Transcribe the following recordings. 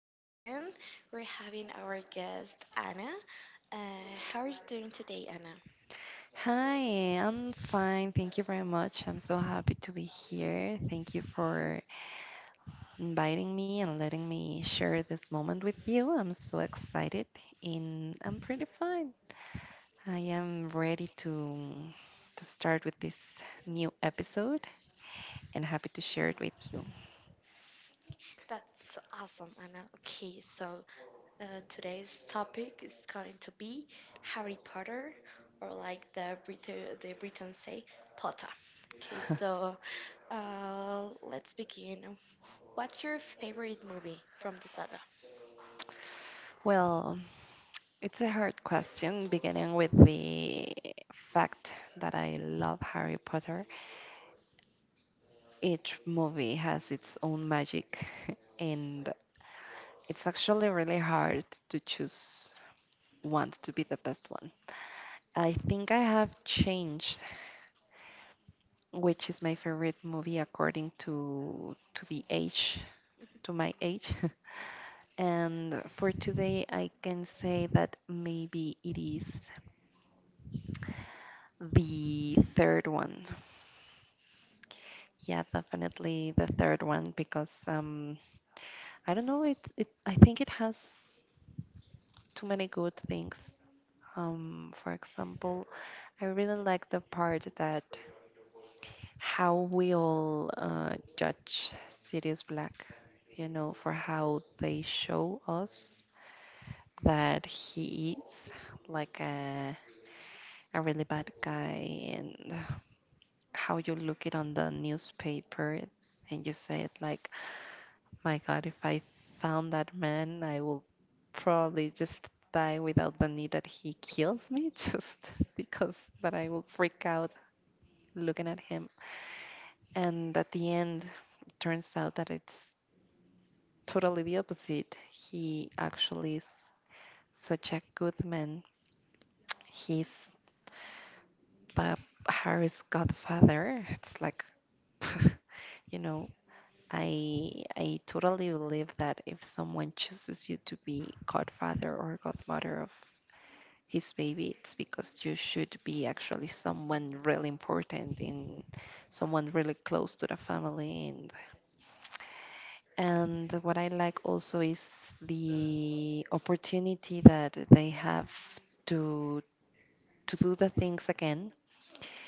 again. We're having our guest Anna. Uh, how are you doing today, Anna? Hi, I'm fine. Thank you very much. I'm so happy to be here. Thank you for inviting me and letting me share this moment with you. I'm so excited and I'm pretty fine. I am ready to start with this new episode and happy to share it with you. That's awesome, Anna. Okay, so today's topic is going to be Harry Potter, or like the the Britons say, Potter. Okay, so let's begin. What's your favorite movie from the saga? Well, it's a hard question, beginning with the fact that I love Harry Potter. Each movie has its own magic, and it's actually really hard to choose one to be the best one. I think I have changed which is my favorite movie according to the age, to my age. And for today I can say that maybe it is the third one. Yeah, definitely the third one because I don't know, it I think it has too many good things. For example, I really like the part that how we all judge Sirius Black, you know, for how they show us that he is like a really bad guy, and how you look it on the newspaper and you say it like, my God, if I found that man, I will probably just die without the need that he kills me, just because that I will freak out looking at him. And at the end, it turns out that it's totally the opposite. He actually is such a good man. He's the Harry's godfather. It's like, you know, I totally believe that if someone chooses you to be godfather or godmother of his baby, it's because you should be actually someone really important and someone really close to the family. And what I like also is the opportunity that they have to do the things again,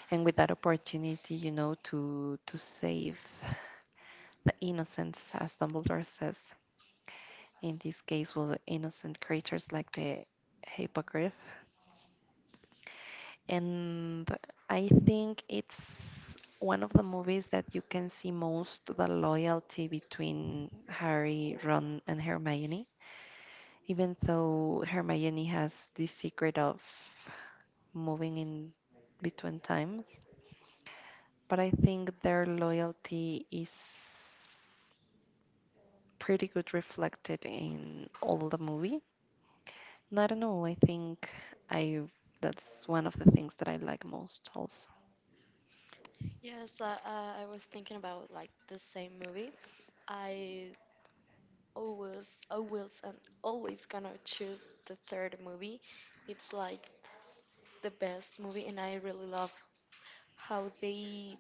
and with that opportunity, you know, to save the innocents, as Dumbledore says. In this case, well, the innocent creatures like the hippogriff. And I think it's one of the movies that you can see most the loyalty between Harry, Ron, and Hermione. Even though Hermione has this secret of moving in between times, but I think their loyalty is pretty good reflected in all the movie. And I don't know, I think I that's one of the things that I like most also. Yes, I was thinking about like the same movie. I always, always, and always gonna choose the third movie. It's like the best movie, and I really love how they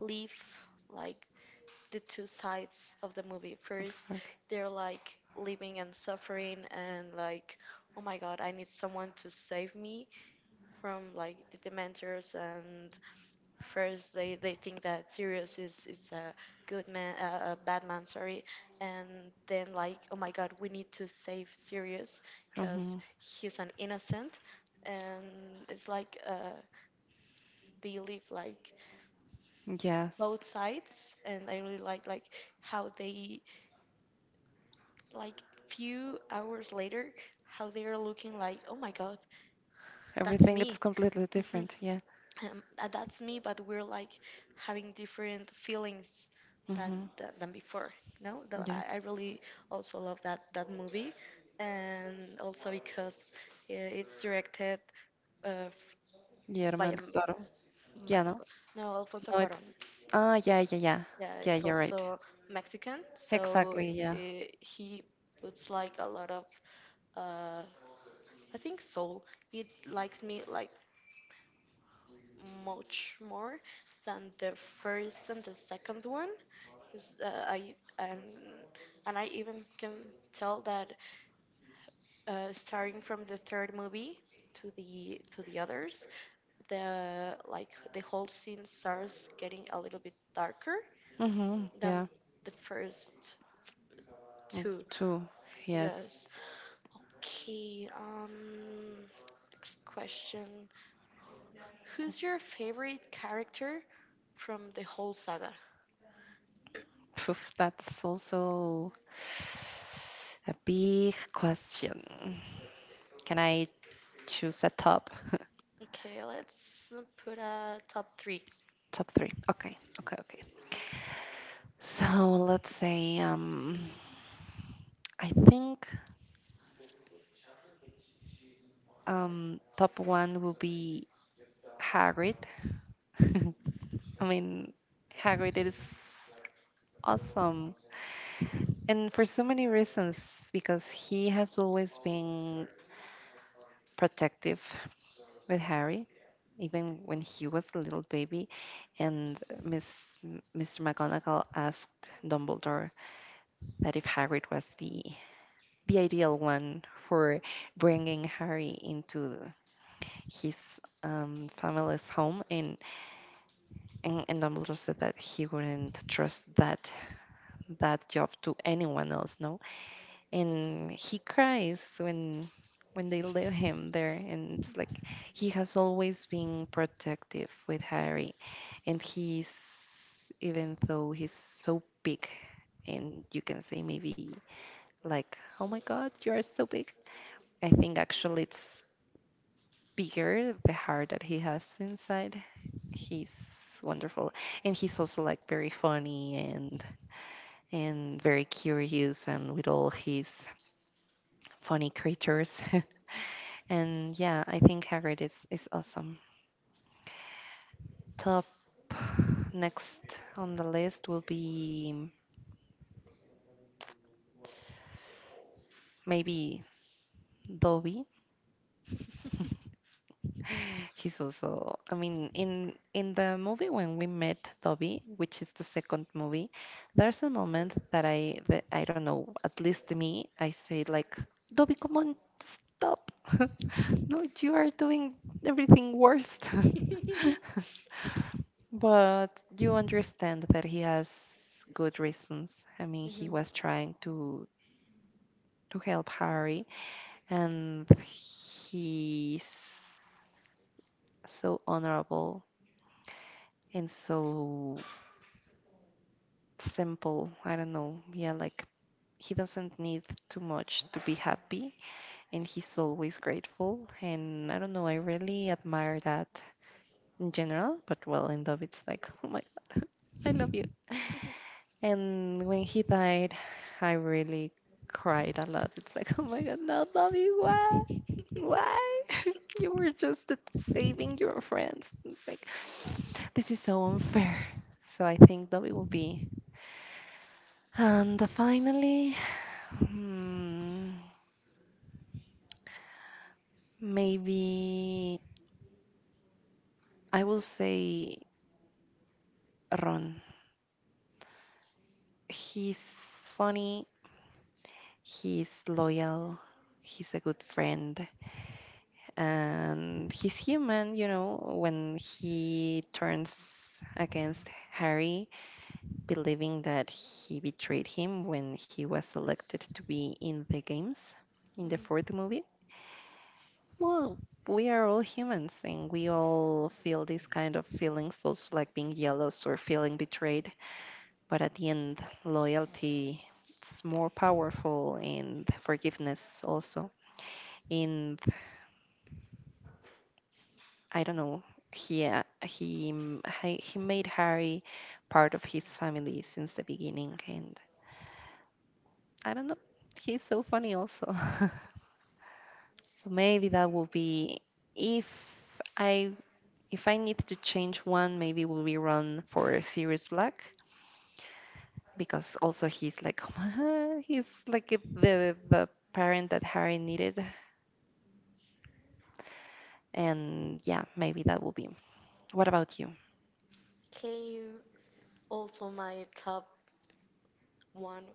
leave like the two sides of the movie. First, Exact- they're like living and suffering, and like, oh my god, I need someone to save me from like the Dementors. And first they think that Sirius is a good man, a bad man, sorry. And then like, oh my god, we need to save Sirius because Mhm. he's an innocent. And it's like, they live like Yes. both sides. And I really like how they, like, few hours later, how they are looking like, oh my god, that's Everything me. it's completely different, Mm-hmm. yeah. That's me, but we're like having different feelings than Ujú. than before. No, Yeah. I really also love that movie. And also because it's directed uh, f- Guillermo by, a del m- Toro. by, Yeah, no? no, Alfonso No, it's. cuaron Ah, yeah, yeah, yeah. yeah, Yeah, it's you're right. also Mexican. So Exactly, yeah. uh, he puts like a lot of, uh, I think, soul. It likes me like much more than the first and the second one. 'Cause, I and I even can tell that starting from the third movie to the others, the whole scene starts getting a little bit darker Mm-hmm, than yeah. the first Mm, two. two, yes. Yes. Okay. Next question: who's your favorite character from the whole saga? Poof, that's also a big question. Can I choose a top? Okay, let's put a top three. Top three. Okay, okay, okay. So let's say, I think top one will be Hagrid. I mean, Hagrid is awesome. And for so many reasons, because he has always been protective with Harry, even when he was a little baby. And Miss, Mr. McGonagall asked Dumbledore that if Hagrid was the ideal one for bringing Harry into his family's home. And and Dumbledore said that he wouldn't trust that job to anyone else, no? And he cries when they leave him there, and it's like he has always been protective with Harry, and he's, even though he's so big and you can say maybe like, oh my God, you are so big, I think actually it's bigger the heart that he has inside. He's wonderful, and he's also like very funny and very curious, and with all his funny creatures. And yeah, I think Hagrid is awesome. Top, next on the list will be maybe Dobby. He's also, I mean, in the movie when we met Dobby, which is the second movie, there's a moment that I don't know, at least me, I say like, Dobby, come on, stop. No, you are doing everything worst. But you understand that he has good reasons. I mean, hmm he hmm was trying to help Harry, and he's so honorable and so simple. I don't know. Yeah, like he doesn't need too much to be happy, and he's always grateful. And I don't know, I really admire that in general, but well, in Dove, it's like, oh my God, I love you. And when he died, I really cried a lot. It's like, oh my God, now love, why? Why? You were just saving your friends. It's like, this is so unfair. So I think Dobby will be. And finally, hmm, maybe I will say Ron. He's funny, he's loyal, he's a good friend, and he's human, you know, when he turns against Harry, believing that he betrayed him when he was selected to be in the games in the fourth movie. Well, we are all humans and we all feel these kind of feelings, also like being jealous or feeling betrayed. But at the end, loyalty is more powerful, and forgiveness also. And I don't know, he, he made Harry part of his family since the beginning. And I don't know, he's so funny also. So maybe that will be. if I If I need to change one, maybe will be run for Sirius Black, because also he's like he's like the parent that Harry needed, and yeah, maybe that will be. What about you? Okay, also my top one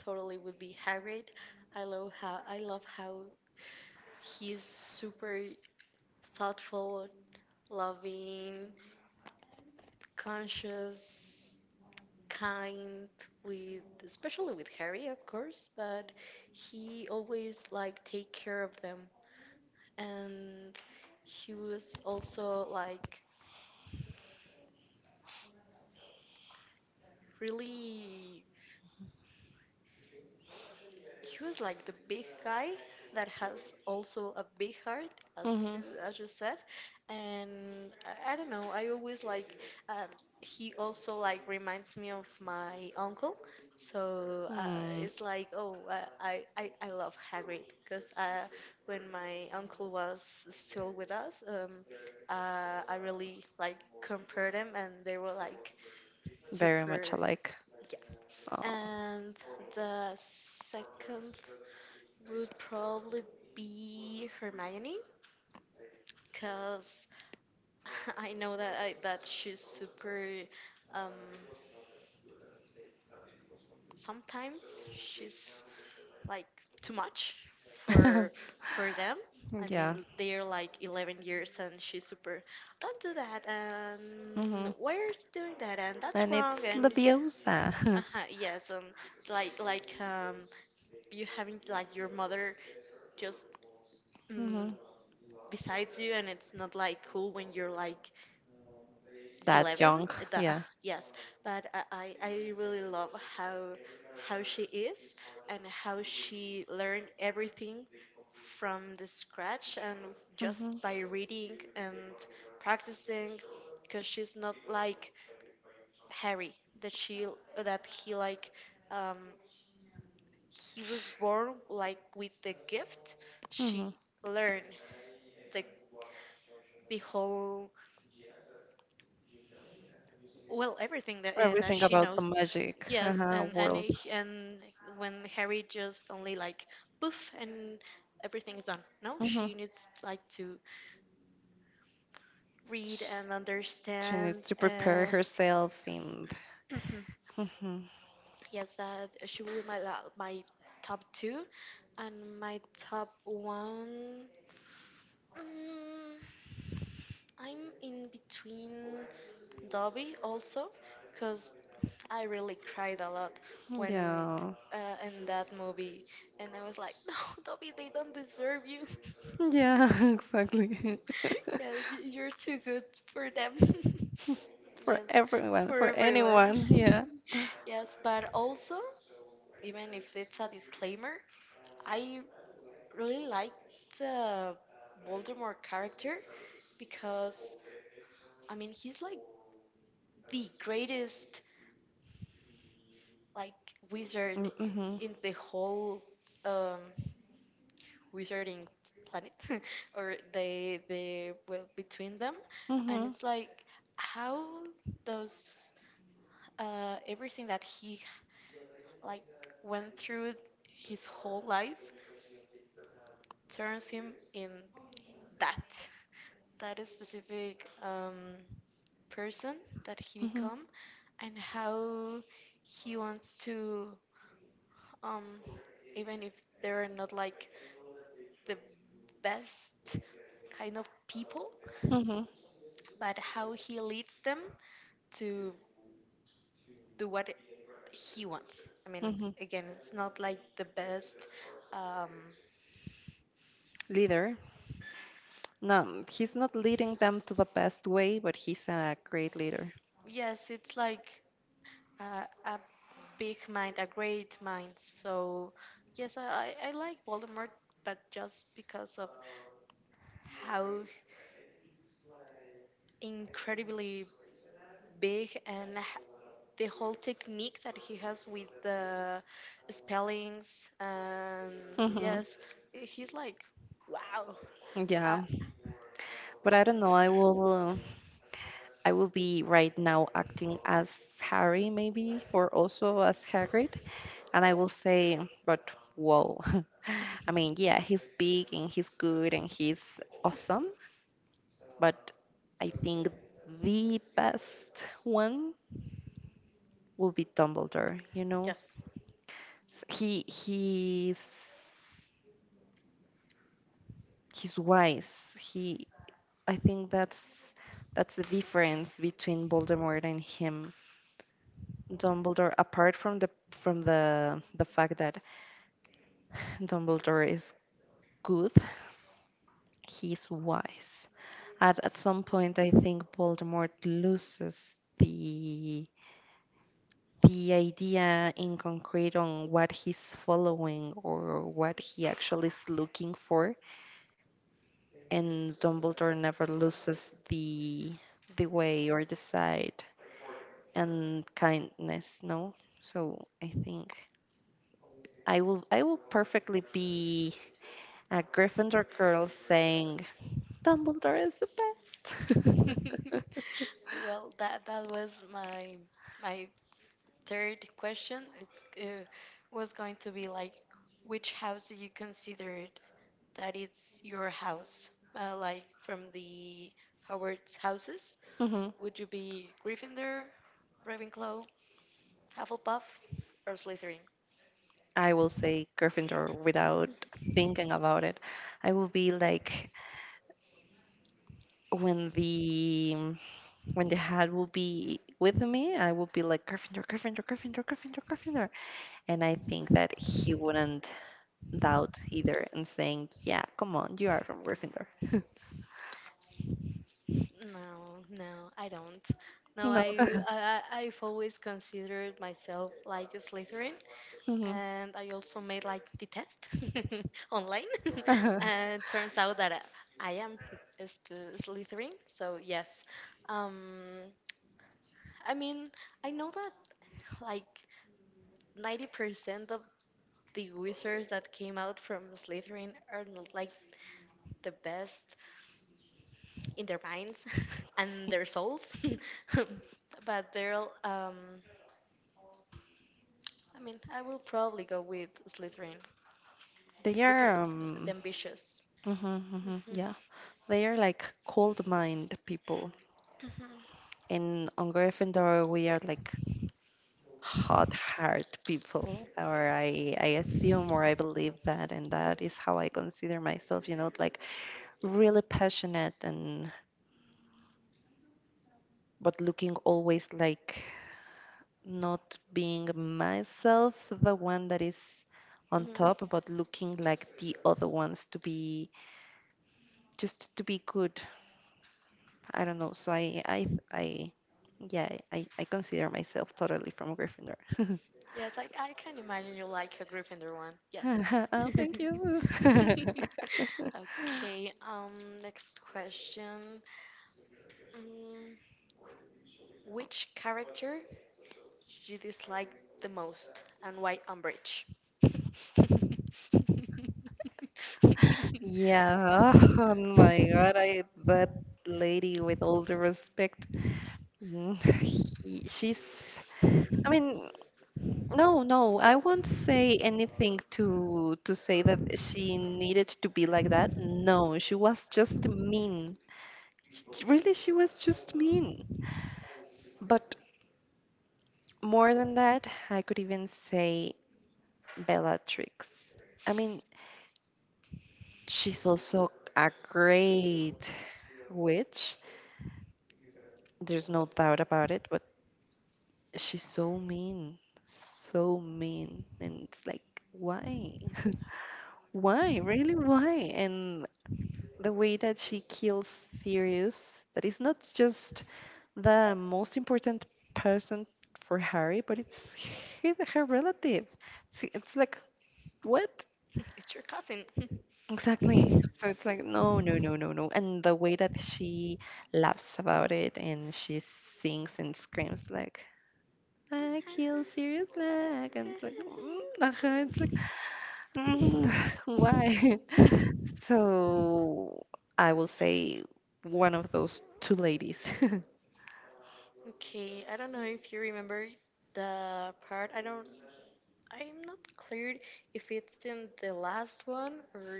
totally would be Hagrid. I love how he's super thoughtful, loving, conscious, kind, with, especially with Harry, of course, but he always like take care of them. And he was also like really, he was like the big guy that has also a big heart, as Mm-hmm. you as you said. And I don't know, I always like, uh, he also like reminds me of my uncle. So Mm, it's like, oh, I love Hagrid because, when my uncle was still with us, I really like compared them and they were like very much super. alike. Oh. Yeah. And the second would probably be Hermione, because I know that she's super, um sometimes she's like too much for for them. I Yeah. mean, they're like 11 years and she's super "Don't do that" and Hmm. "Why are you doing that" and "That's And it's wrong." And Leviosa. uh yes, like, you having like your mother just mm, Hmm. besides you. And it's not like cool when you're like That 11, young, that, yeah. yes. But I really love how how she is and how she learned everything from the scratch and just Hmm. by reading and practicing, because she's not like Harry. That she that he like um, he was born like with the gift. Hmm. She learned the the whole, well, everything that, that Everything she about the knows. magic Yes, and and world. he- and when Harry just only like poof and everything's done. No, Hmm. she needs like to read and She needs understand. to prepare herself and. Hmm. yes, that she will be my top two, and my top one. Mm, I'm in between Dobby also, 'cause I really cried a lot when, Yeah. In that movie, and I was like, "No, Dobby, they don't deserve you. Yeah, exactly. yeah, You're too good for them." For yes, everyone, for for everyone. anyone. Yeah. Yes, but also, even if it's a disclaimer, I really like the Voldemort character, because, I mean, he's like the greatest like wizard Mm, mm-hmm. in the whole, um wizarding planet, or the well, between them. And Mm-hmm. it's like, how does, everything that he like went through his whole life turns him in that that is specific, person that he Mm-hmm. become. And how he wants to, um, even if they're not like the best kind of people, Mm-hmm. but how he leads them to do what he wants. I mean, Mm-hmm. again, it's not like the best. Um, Leader. No, he's not leading them to the best way, but he's a great leader. yes, it's like, a big mind, a great mind. So, yes, I like Voldemort, but just because of how incredibly big and, the whole technique that he has with the spellings. And Mm-hmm. yes, he's like, wow. Uh, Yeah. But I don't know. I will. I will be right now acting as Harry, maybe, or also as Hagrid. And I will say, but whoa. I mean, yeah, he's big and he's good and he's awesome. But I think the best one will be Dumbledore, you know? yes. He, he's wise. He, I think that's the difference between Voldemort and him, Dumbledore, apart from the fact that Dumbledore is good, he's wise. At some point, I think Voldemort loses the idea in concrete on what he's following or what he actually is looking for, and Dumbledore never loses the way or the side and kindness. No, so I think I will perfectly be a Gryffindor girl saying, Dumbledore is the best. Well, that was my third question. It's, was going to be like, which house do you consider it that it's your house? Like from the Howard's houses, Hmm. would you be Gryffindor, Ravenclaw, Hufflepuff, or Slytherin? I will say Gryffindor without thinking about it. I will be like when the when the hat will be with me, I will be like Gryffindor, Gryffindor, Gryffindor, Gryffindor, Gryffindor. And I think that he wouldn't doubt either and saying, yeah, come on, you are from Gryffindor. No, no, I don't. No, No. I've always considered myself like a Slytherin, Hmm. and I also made like the test online, and turns out that I am a Slytherin. So yes, um, I mean, I know that like 90% of the wizards that came out from Slytherin are not like the best in their minds and their souls. but they're all, I mean, I will probably go with Slytherin They because of are, the ambitious. mhm, mhm, Mhm, yeah, they are like cold mind people. mhm, And on Gryffindor, we are like hot heart people, or I assume or I believe that, and that is how I consider myself, you know, like really passionate, and but looking always like not being myself, the one that is on mhm. top, but looking like the other ones to be just to be good. I don't know. So I, yeah, I consider myself totally from Gryffindor. Yes, I can imagine you like a Gryffindor one. Yes. Oh, thank you. okay, next question. Mm, which character you dislike the most, and why? Umbridge? Yeah. Oh my God. I that lady with all the respect. Mm, she's. I mean, no, no. I won't say anything to say that she needed to be like that. No, she was just mean. Really, she was just mean. But more than that, I could even say Bellatrix. I mean, she's also a great witch. There's no doubt about it, but she's so mean. So mean. And it's like, why? Why? Really, why? And the way that she kills Sirius, that is not just the most important person for Harry, but it's her relative. It's like, what? it's your cousin. Exactly. So it's like, no, no, no, no, no. And the way that she laughs about it and she sings and screams like, I kill Serious Black. And it's like, mm, ajá. It's like, mm, why? So I will say one of those two ladies. okay, I don't know if you remember the part. I don't. I'm not clear if it's in the last one, or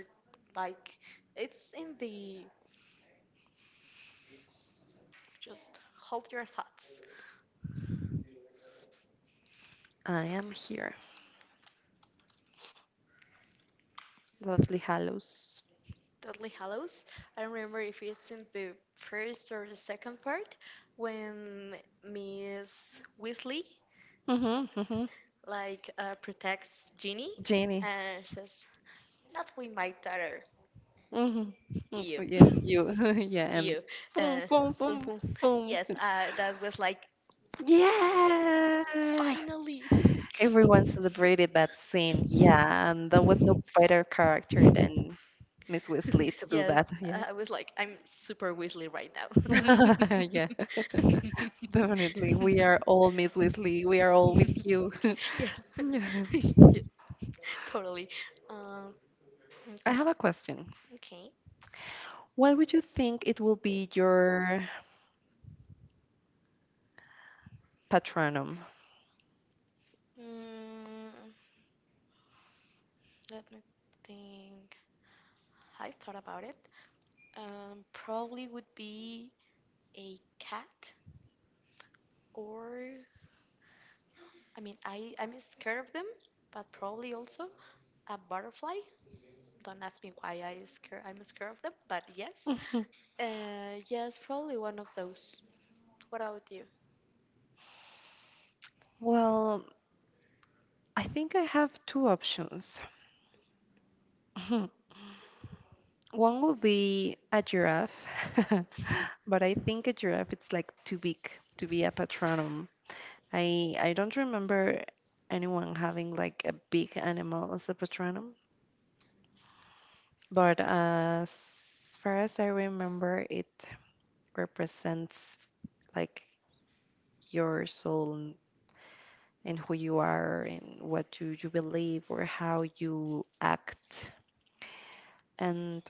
like it's in the, just hold your thoughts. I am here. Lovely Hallows. Deadly Hallows. I don't remember if it's in the first or the second part when Miss Weasley Mm-hmm, mm-hmm. like, protects Ginny Jenny. and says, "Not with my daughter." Mm-hmm. Ew. Yeah, you. Yeah, and Ew. boom, Uh, boom, Boom, boom, boom. boom. Yes, that was like, Yeah. finally. Everyone celebrated that scene. Yeah, and there was no better character than Miss Weasley to do yes, that. Yeah. I was like, I'm super Weasley right now. Yeah. Definitely. We are all Miss Weasley. We are all with you. yes. Yeah. yeah, totally. Um, mm, I have a question. okay. What would you think it will be your patronum? Mm, Let me think. I've thought about it. Probably would be a cat, or, I mean, I'm scared of them, but probably also a butterfly. Don't ask me why I scared. I'm scared of them, but yes, Mhm. Yes, probably one of those. What about you? Well, I think I have two options. Mhm. One would be a giraffe, but I think a giraffe it's like too big to be a patronum. I don't remember anyone having like a big animal as a patronum, but as far as I remember, it represents like your soul and who you are and what you believe or how you act. And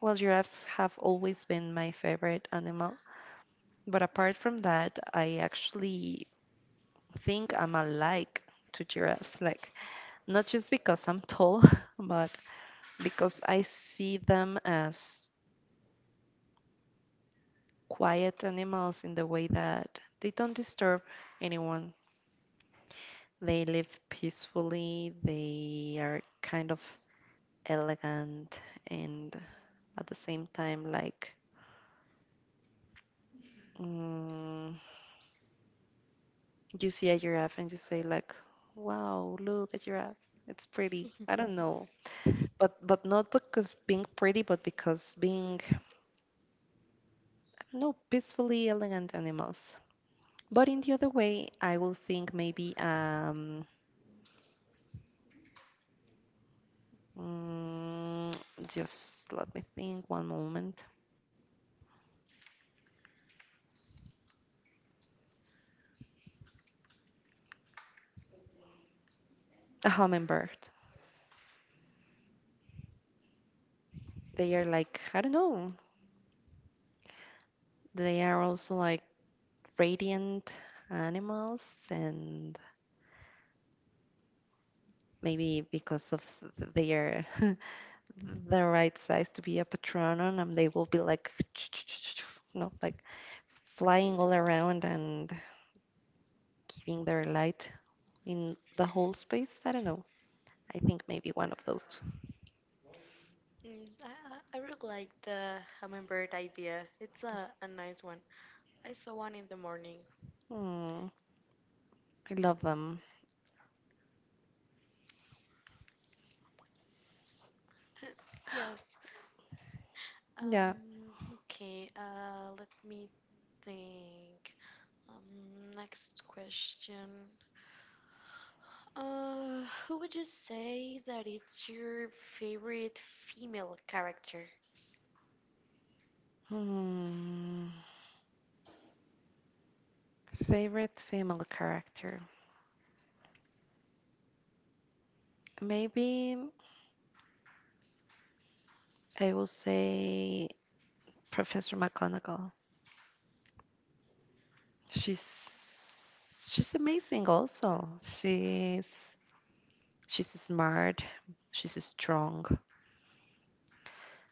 well, giraffes have always been my favorite animal. But apart from that, I actually think I'm alike to giraffes. Like, not just because I'm tall, but because I see them as quiet animals in the way that they don't disturb anyone. They live peacefully, they are kind of elegant, and at the same time, like, mm, you see a giraffe and you say, like, wow, look, a giraffe. It's pretty. I don't know. But not because being pretty, but because being no peacefully elegant animals. But in the other way, I will think maybe mm, just let me think one moment. A hummingbird. They are like I don't know. They are also like radiant animals, and maybe because of their the right size to be a patronum and they will be like you like flying all around and giving their light in the whole space. I don't know. I think maybe one of those two. I really like the hummingbird idea. It's a nice one. I saw one in the morning. Hmm, I love them. Yes. Yeah. Um, okay, let me think. Next question. Uh, who would you say that it's your favorite female character? Hmm. Favorite female character, maybe I will say Professor McGonagall. She's she's amazing. Also, she's smart, she's strong,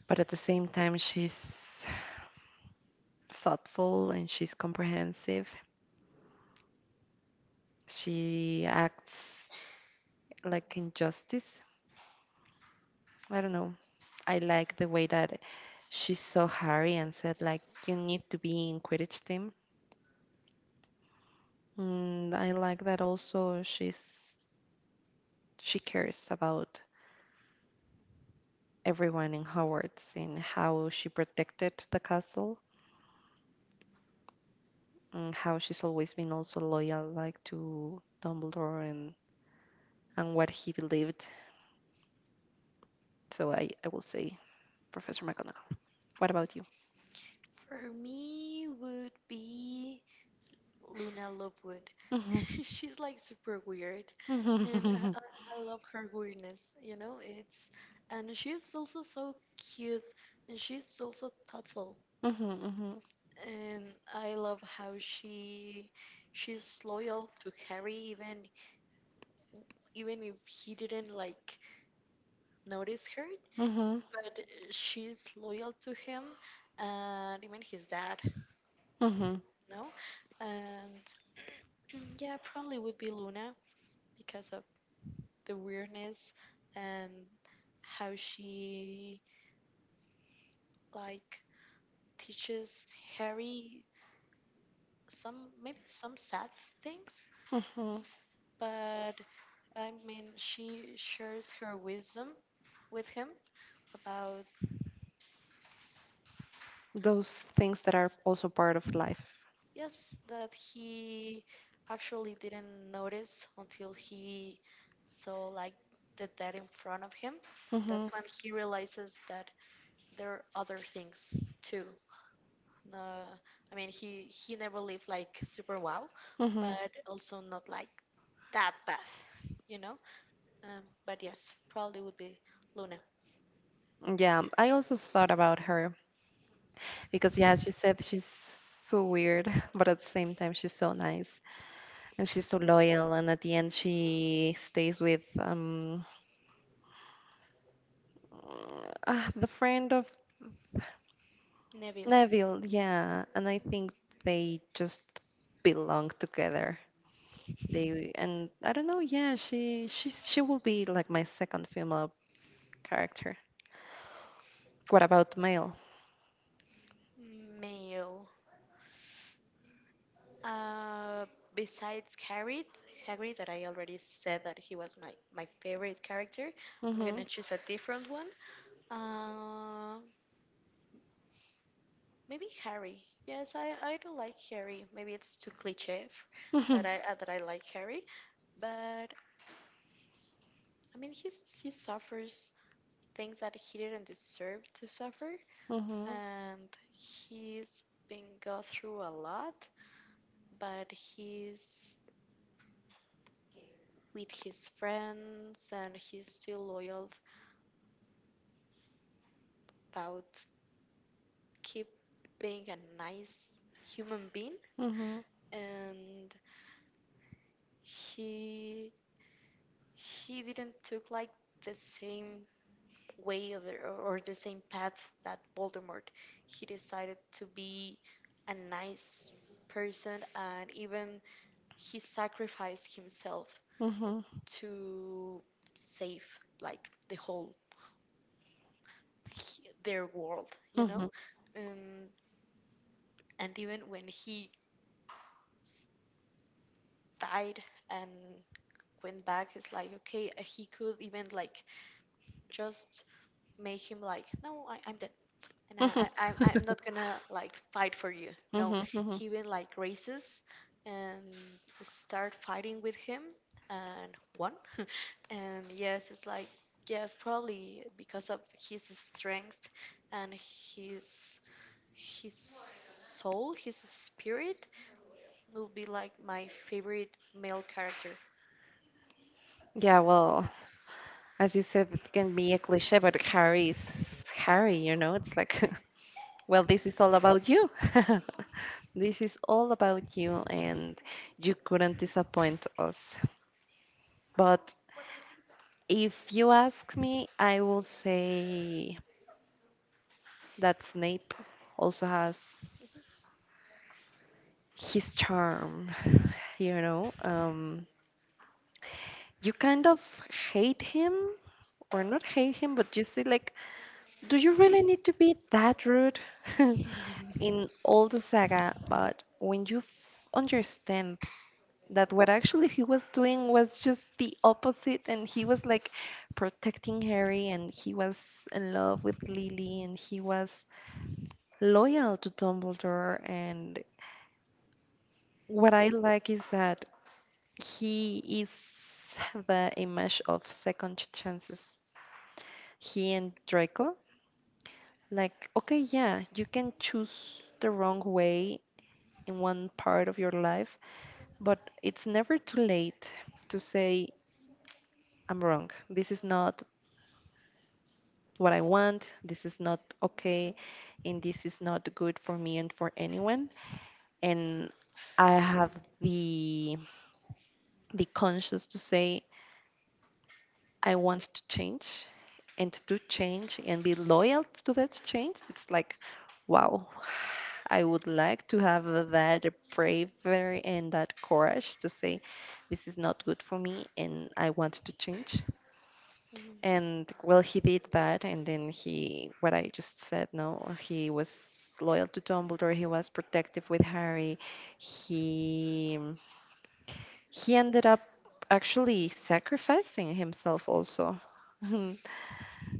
but at the same time, she's thoughtful and she's comprehensive. She acts like injustice. I don't know. I like the way that she saw Harry and said like you need to be in Quidditch team. And I like that. Also, she cares about everyone in Hogwarts, and how she protected the castle, and how she's always been also loyal like to Dumbledore and what he believed. So I will say Professor McGonagall. What about you? For me, would be Luna Lovegood. Mhm. She's like super weird, Mhm. and I, Mhm. I I love her weirdness. You know, it's, and she's also so cute, and she's also thoughtful. Mhm. And I love how she's loyal to Harry, even if he didn't like notice her. Mhm. But, she's loyal to him, and even his dad, Mhm. no? And yeah, probably would be Luna because of the weirdness and how she like teaches Harry some, maybe some sad things. Mhm. But I mean, she shares her wisdom with him about. Those things that are also part of life. Yes, that he actually didn't notice until he saw like the dead in front of him. Mhm. That's when he realizes that there are other things too. No, I mean, he never lived like super wow, Mhm. but also not like that bad, you know. But yes, probably would be Luna. Yeah, I also thought about her because, yeah, as you said, she's so weird, but at the same time, she's so nice and she's so loyal. And at the end, she stays with the friend of Neville. Neville, yeah, and I think they just belong together. They, and I don't know, yeah, she will be like my second female character. What about male? Male. Uh, Besides Hagrid, that I already said that he was my favorite character. I'm gonna Mhm. choose a different one. Uh, Maybe Harry. Yes, I do like Harry. Maybe it's too cliche, Mhm. that I, like Harry, but I mean, he suffers things that he didn't deserve to suffer, Mhm. and he's been go through a lot, but he's with his friends and he's still loyal about keep being a nice human being. Mhm. And he he didn't took like the same way or the same path that Voldemort. He decided to be a nice person, and even he sacrificed himself Mhm. to save like the whole, their world, you know? Mhm. Um, and even when he died and went back, it's like, okay, he could even like just make him like, "No, I'm dead, and I, Mhm. I, I'm I'm not gonna like fight for you." No, Mhm. Mhm. he even like races and start fighting with him and won. and yes, it's like, yes, probably because of his strength and his soul, his spirit will be like my favorite male character. Yeah, well, as you said, it can be a cliche, but Harry is Harry, you know? It's like well, this is all about you. This is all about you, and you couldn't disappoint us. But if you ask me, I will say that Snape also has his charm, you know? You kind of hate him, or not hate him, but you see, like, do you really need to be that rude in all the saga? But when you understand that what actually he was doing was just the opposite, and he was like protecting Harry, and he was in love with Lily, and he was loyal to Dumbledore. And what I like is that he is the image of second chances. He and Draco, like, okay, yeah, you can choose the wrong way in one part of your life, but it's never too late to say I'm wrong. This is not what I want. This is not okay, and this is not good for me and for anyone. And I have the the conscience to say I want to change and be loyal to that change. It's like, wow, I would like to have that bravery and that courage to say this is not good for me and I want to change. Mhm. And well, he did that, and then he what I just said, no, he was loyal to Dumbledore, he was protective with Harry. He he ended up actually sacrificing himself also. And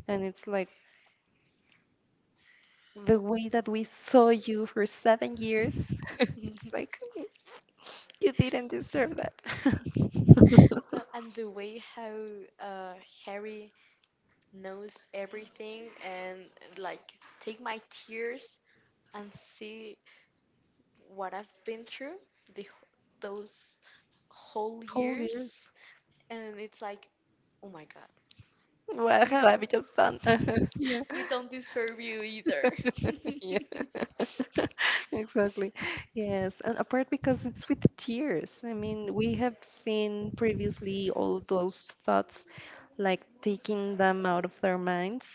it's like the way that we saw you for 7 years, it's like "Mm, you didn't deserve that." No, and the way how, uh, Harry knows everything and like take my tears and see what I've been through the those whole Whole years. years, and it's like, oh my God, What we have don't I just done? Yeah. we don't deserve you either. Yeah, exactly. Yes, and apart because it's with tears. I mean, we have seen previously all those thoughts, like taking them out of their minds,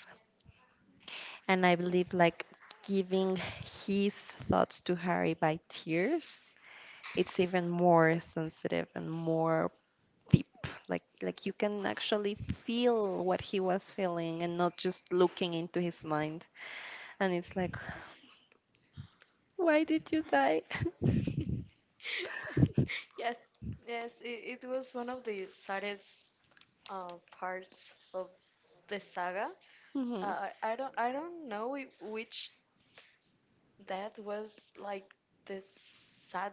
and I believe like giving his thoughts to Harry by tears. It's even more sensitive and more deep. Like you can actually feel what he was feeling and not just looking into his mind. And it's like why did you die? Yes, yes, it was one of the saddest, uh, parts of the saga. Mhm. I don't know, which, that was like the sad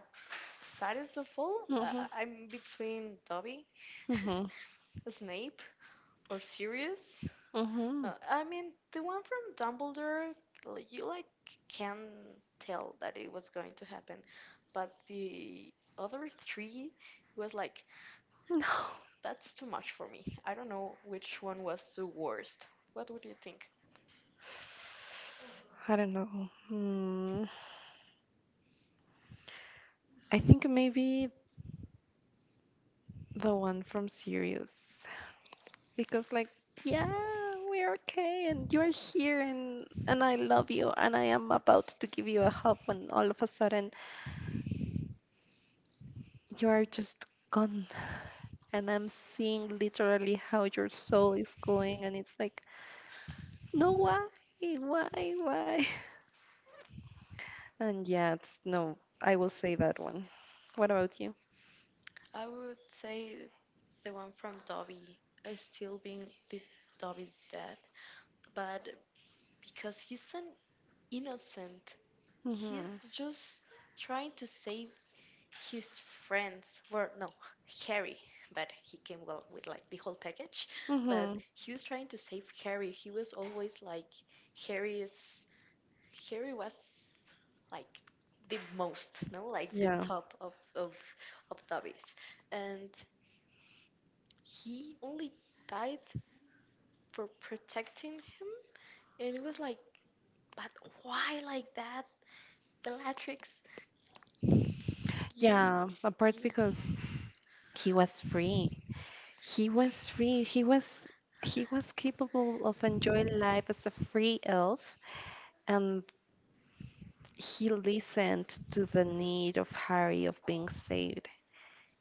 saddest of all. Mhm. I'm between Dobby, Mhm. Snape, or Sirius. Mhm. I mean, the one from Dumbledore. You like can tell that it was going to happen, but the other three was like, No. that's too much for me. I don't know which one was the worst. What would you think? I don't know. Hmm. I think maybe the one from Sirius. Because, like, yeah, we're okay and you're here, and I love you, and I am about to give you a hug, when all of a sudden you are just gone. And I'm seeing literally how your soul is going, and it's like no, why? Why? Why? And yeah, it's, no, I will say that one. What about you? I would say the one from Dobby is still being the Dobby's dad. But because he's an innocent, Mm-hmm. he's just trying to save his friends. Well, no, Harry, but he came well with like the whole package. But Mm-hmm. he was trying to save Harry. He was always like Harry is Harry was like the most, no, like the Yeah. top of Dobby's, and he only died for protecting him. And it was like, but why like that, Bellatrix? You, Yeah, apart you. because he was free. He was free. He was capable of enjoying life as a free elf, and he listened to the need of Harry of being saved,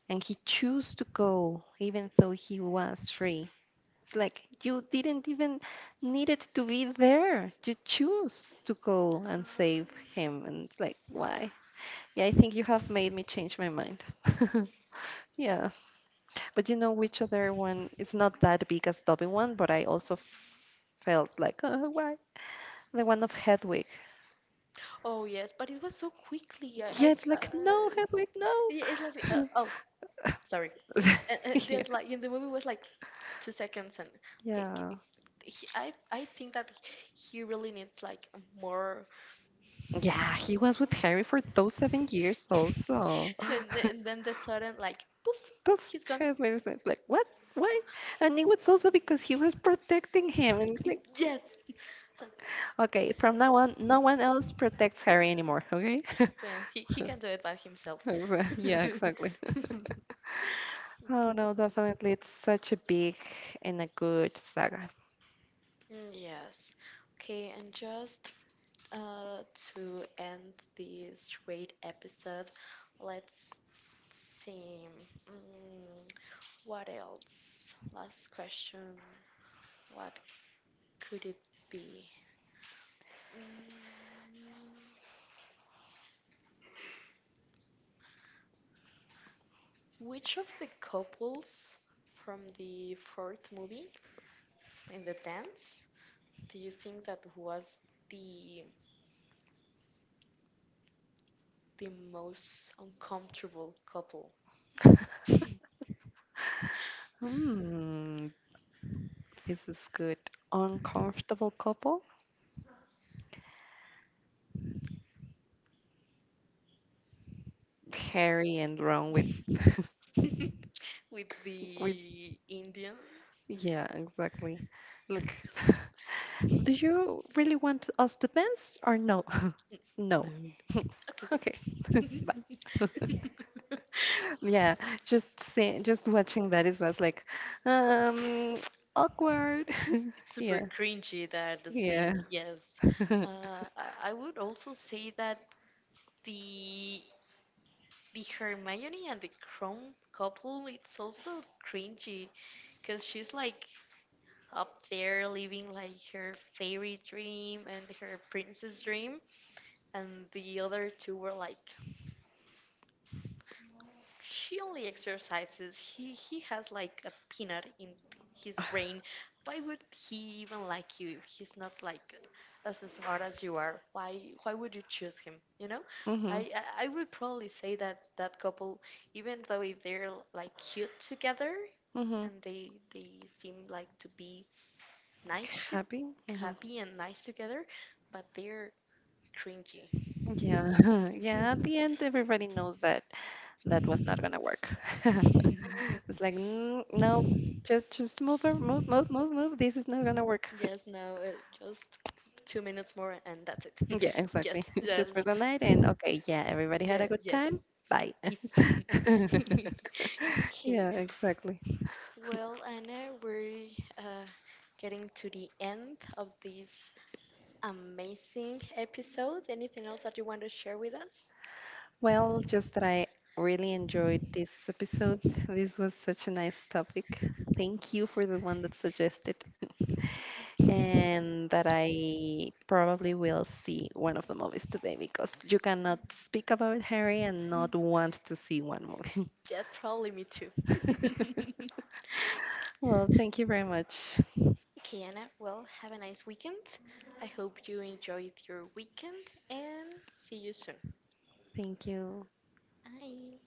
and he chose to go even though he was free. It's like you didn't even needed to be there. You choose to go and save him, and it's like why? Yeah, I think you have made me change my mind. Yeah, but you know which other one? It's not that big as Dobby one, but I also felt like, oh, why? The one of Hedwig. Oh yes, but it was so quickly. I, Yeah, I it's thought. like, no, Hedwig, no. Yeah, it's like, oh, sorry. Okay, and, Yeah. there's like in the movie was like 2 seconds, and okay. Yeah. g- He, I think that he really needs like more. Yeah, he was with Harry for those 7 years also. and then, and then the sudden like poof, Poof, he's gone. his legs was like, what? Why? And it was also because he was protecting him. And it's like, Yes. okay, from now on, no one else protects Harry anymore, okay? So he So, can do it by himself. yeah, exactly. Oh no, definitely. It's such a big and a good saga. Yes. Okay, and just, uh, to end this great episode, let's see. Mm, what else? Last question. What could it be? Mm, which of the couples from the fourth movie in the dance do you think that was the the most uncomfortable couple? Hmm, this is good. Uncomfortable couple? Harry and Ron with with with, the Indians. yeah, exactly. Look. Do you really want us to dance or no? No. No. Okay. Okay. Bye. Yeah, just see, just watching that is just like um awkward. it's super Yeah. cringy, that the scene. Yeah. Yes. Mhm. I would also say that the the Hermione and the Chrome couple. It's also cringy, because she's like up there living like her fairy dream and her princess dream, and the other two were like, she only exercises. He has like a peanut in his brain. Why would he even like you if he's not like as smart as you are? Why would you choose him? I I would probably say that that couple, even though if they're like cute together, Mhm. and they seem like to be nice to, Happy? Hmm. happy and nice together, but they're cringy. Yeah. Yeah, at Hmm. the end everybody knows that that was not going to work. It's like, no, just move, move, move, move, move. This is not gonna work. Yes, no, just 2 minutes more and that's it. Yeah, yes, exactly. yes. Just for the night and okay, yeah, everybody had Yeah, a good yeah. time. Bye. Peace. okay. Yeah, exactly. Well, Anna, we're, uh, getting to the end of this amazing episode. Anything else that you want to share with us? Well, just that I really enjoyed this episode. This was such a nice topic. Thank you for the one that suggested. And that I probably will see one of the movies today because you cannot speak about Harry and not want to see one movie. Yeah, probably me too. Well, thank you very much. Okay, Anna, well, have a nice weekend. I hope you enjoyed your weekend and see you soon. Thank you. Bye.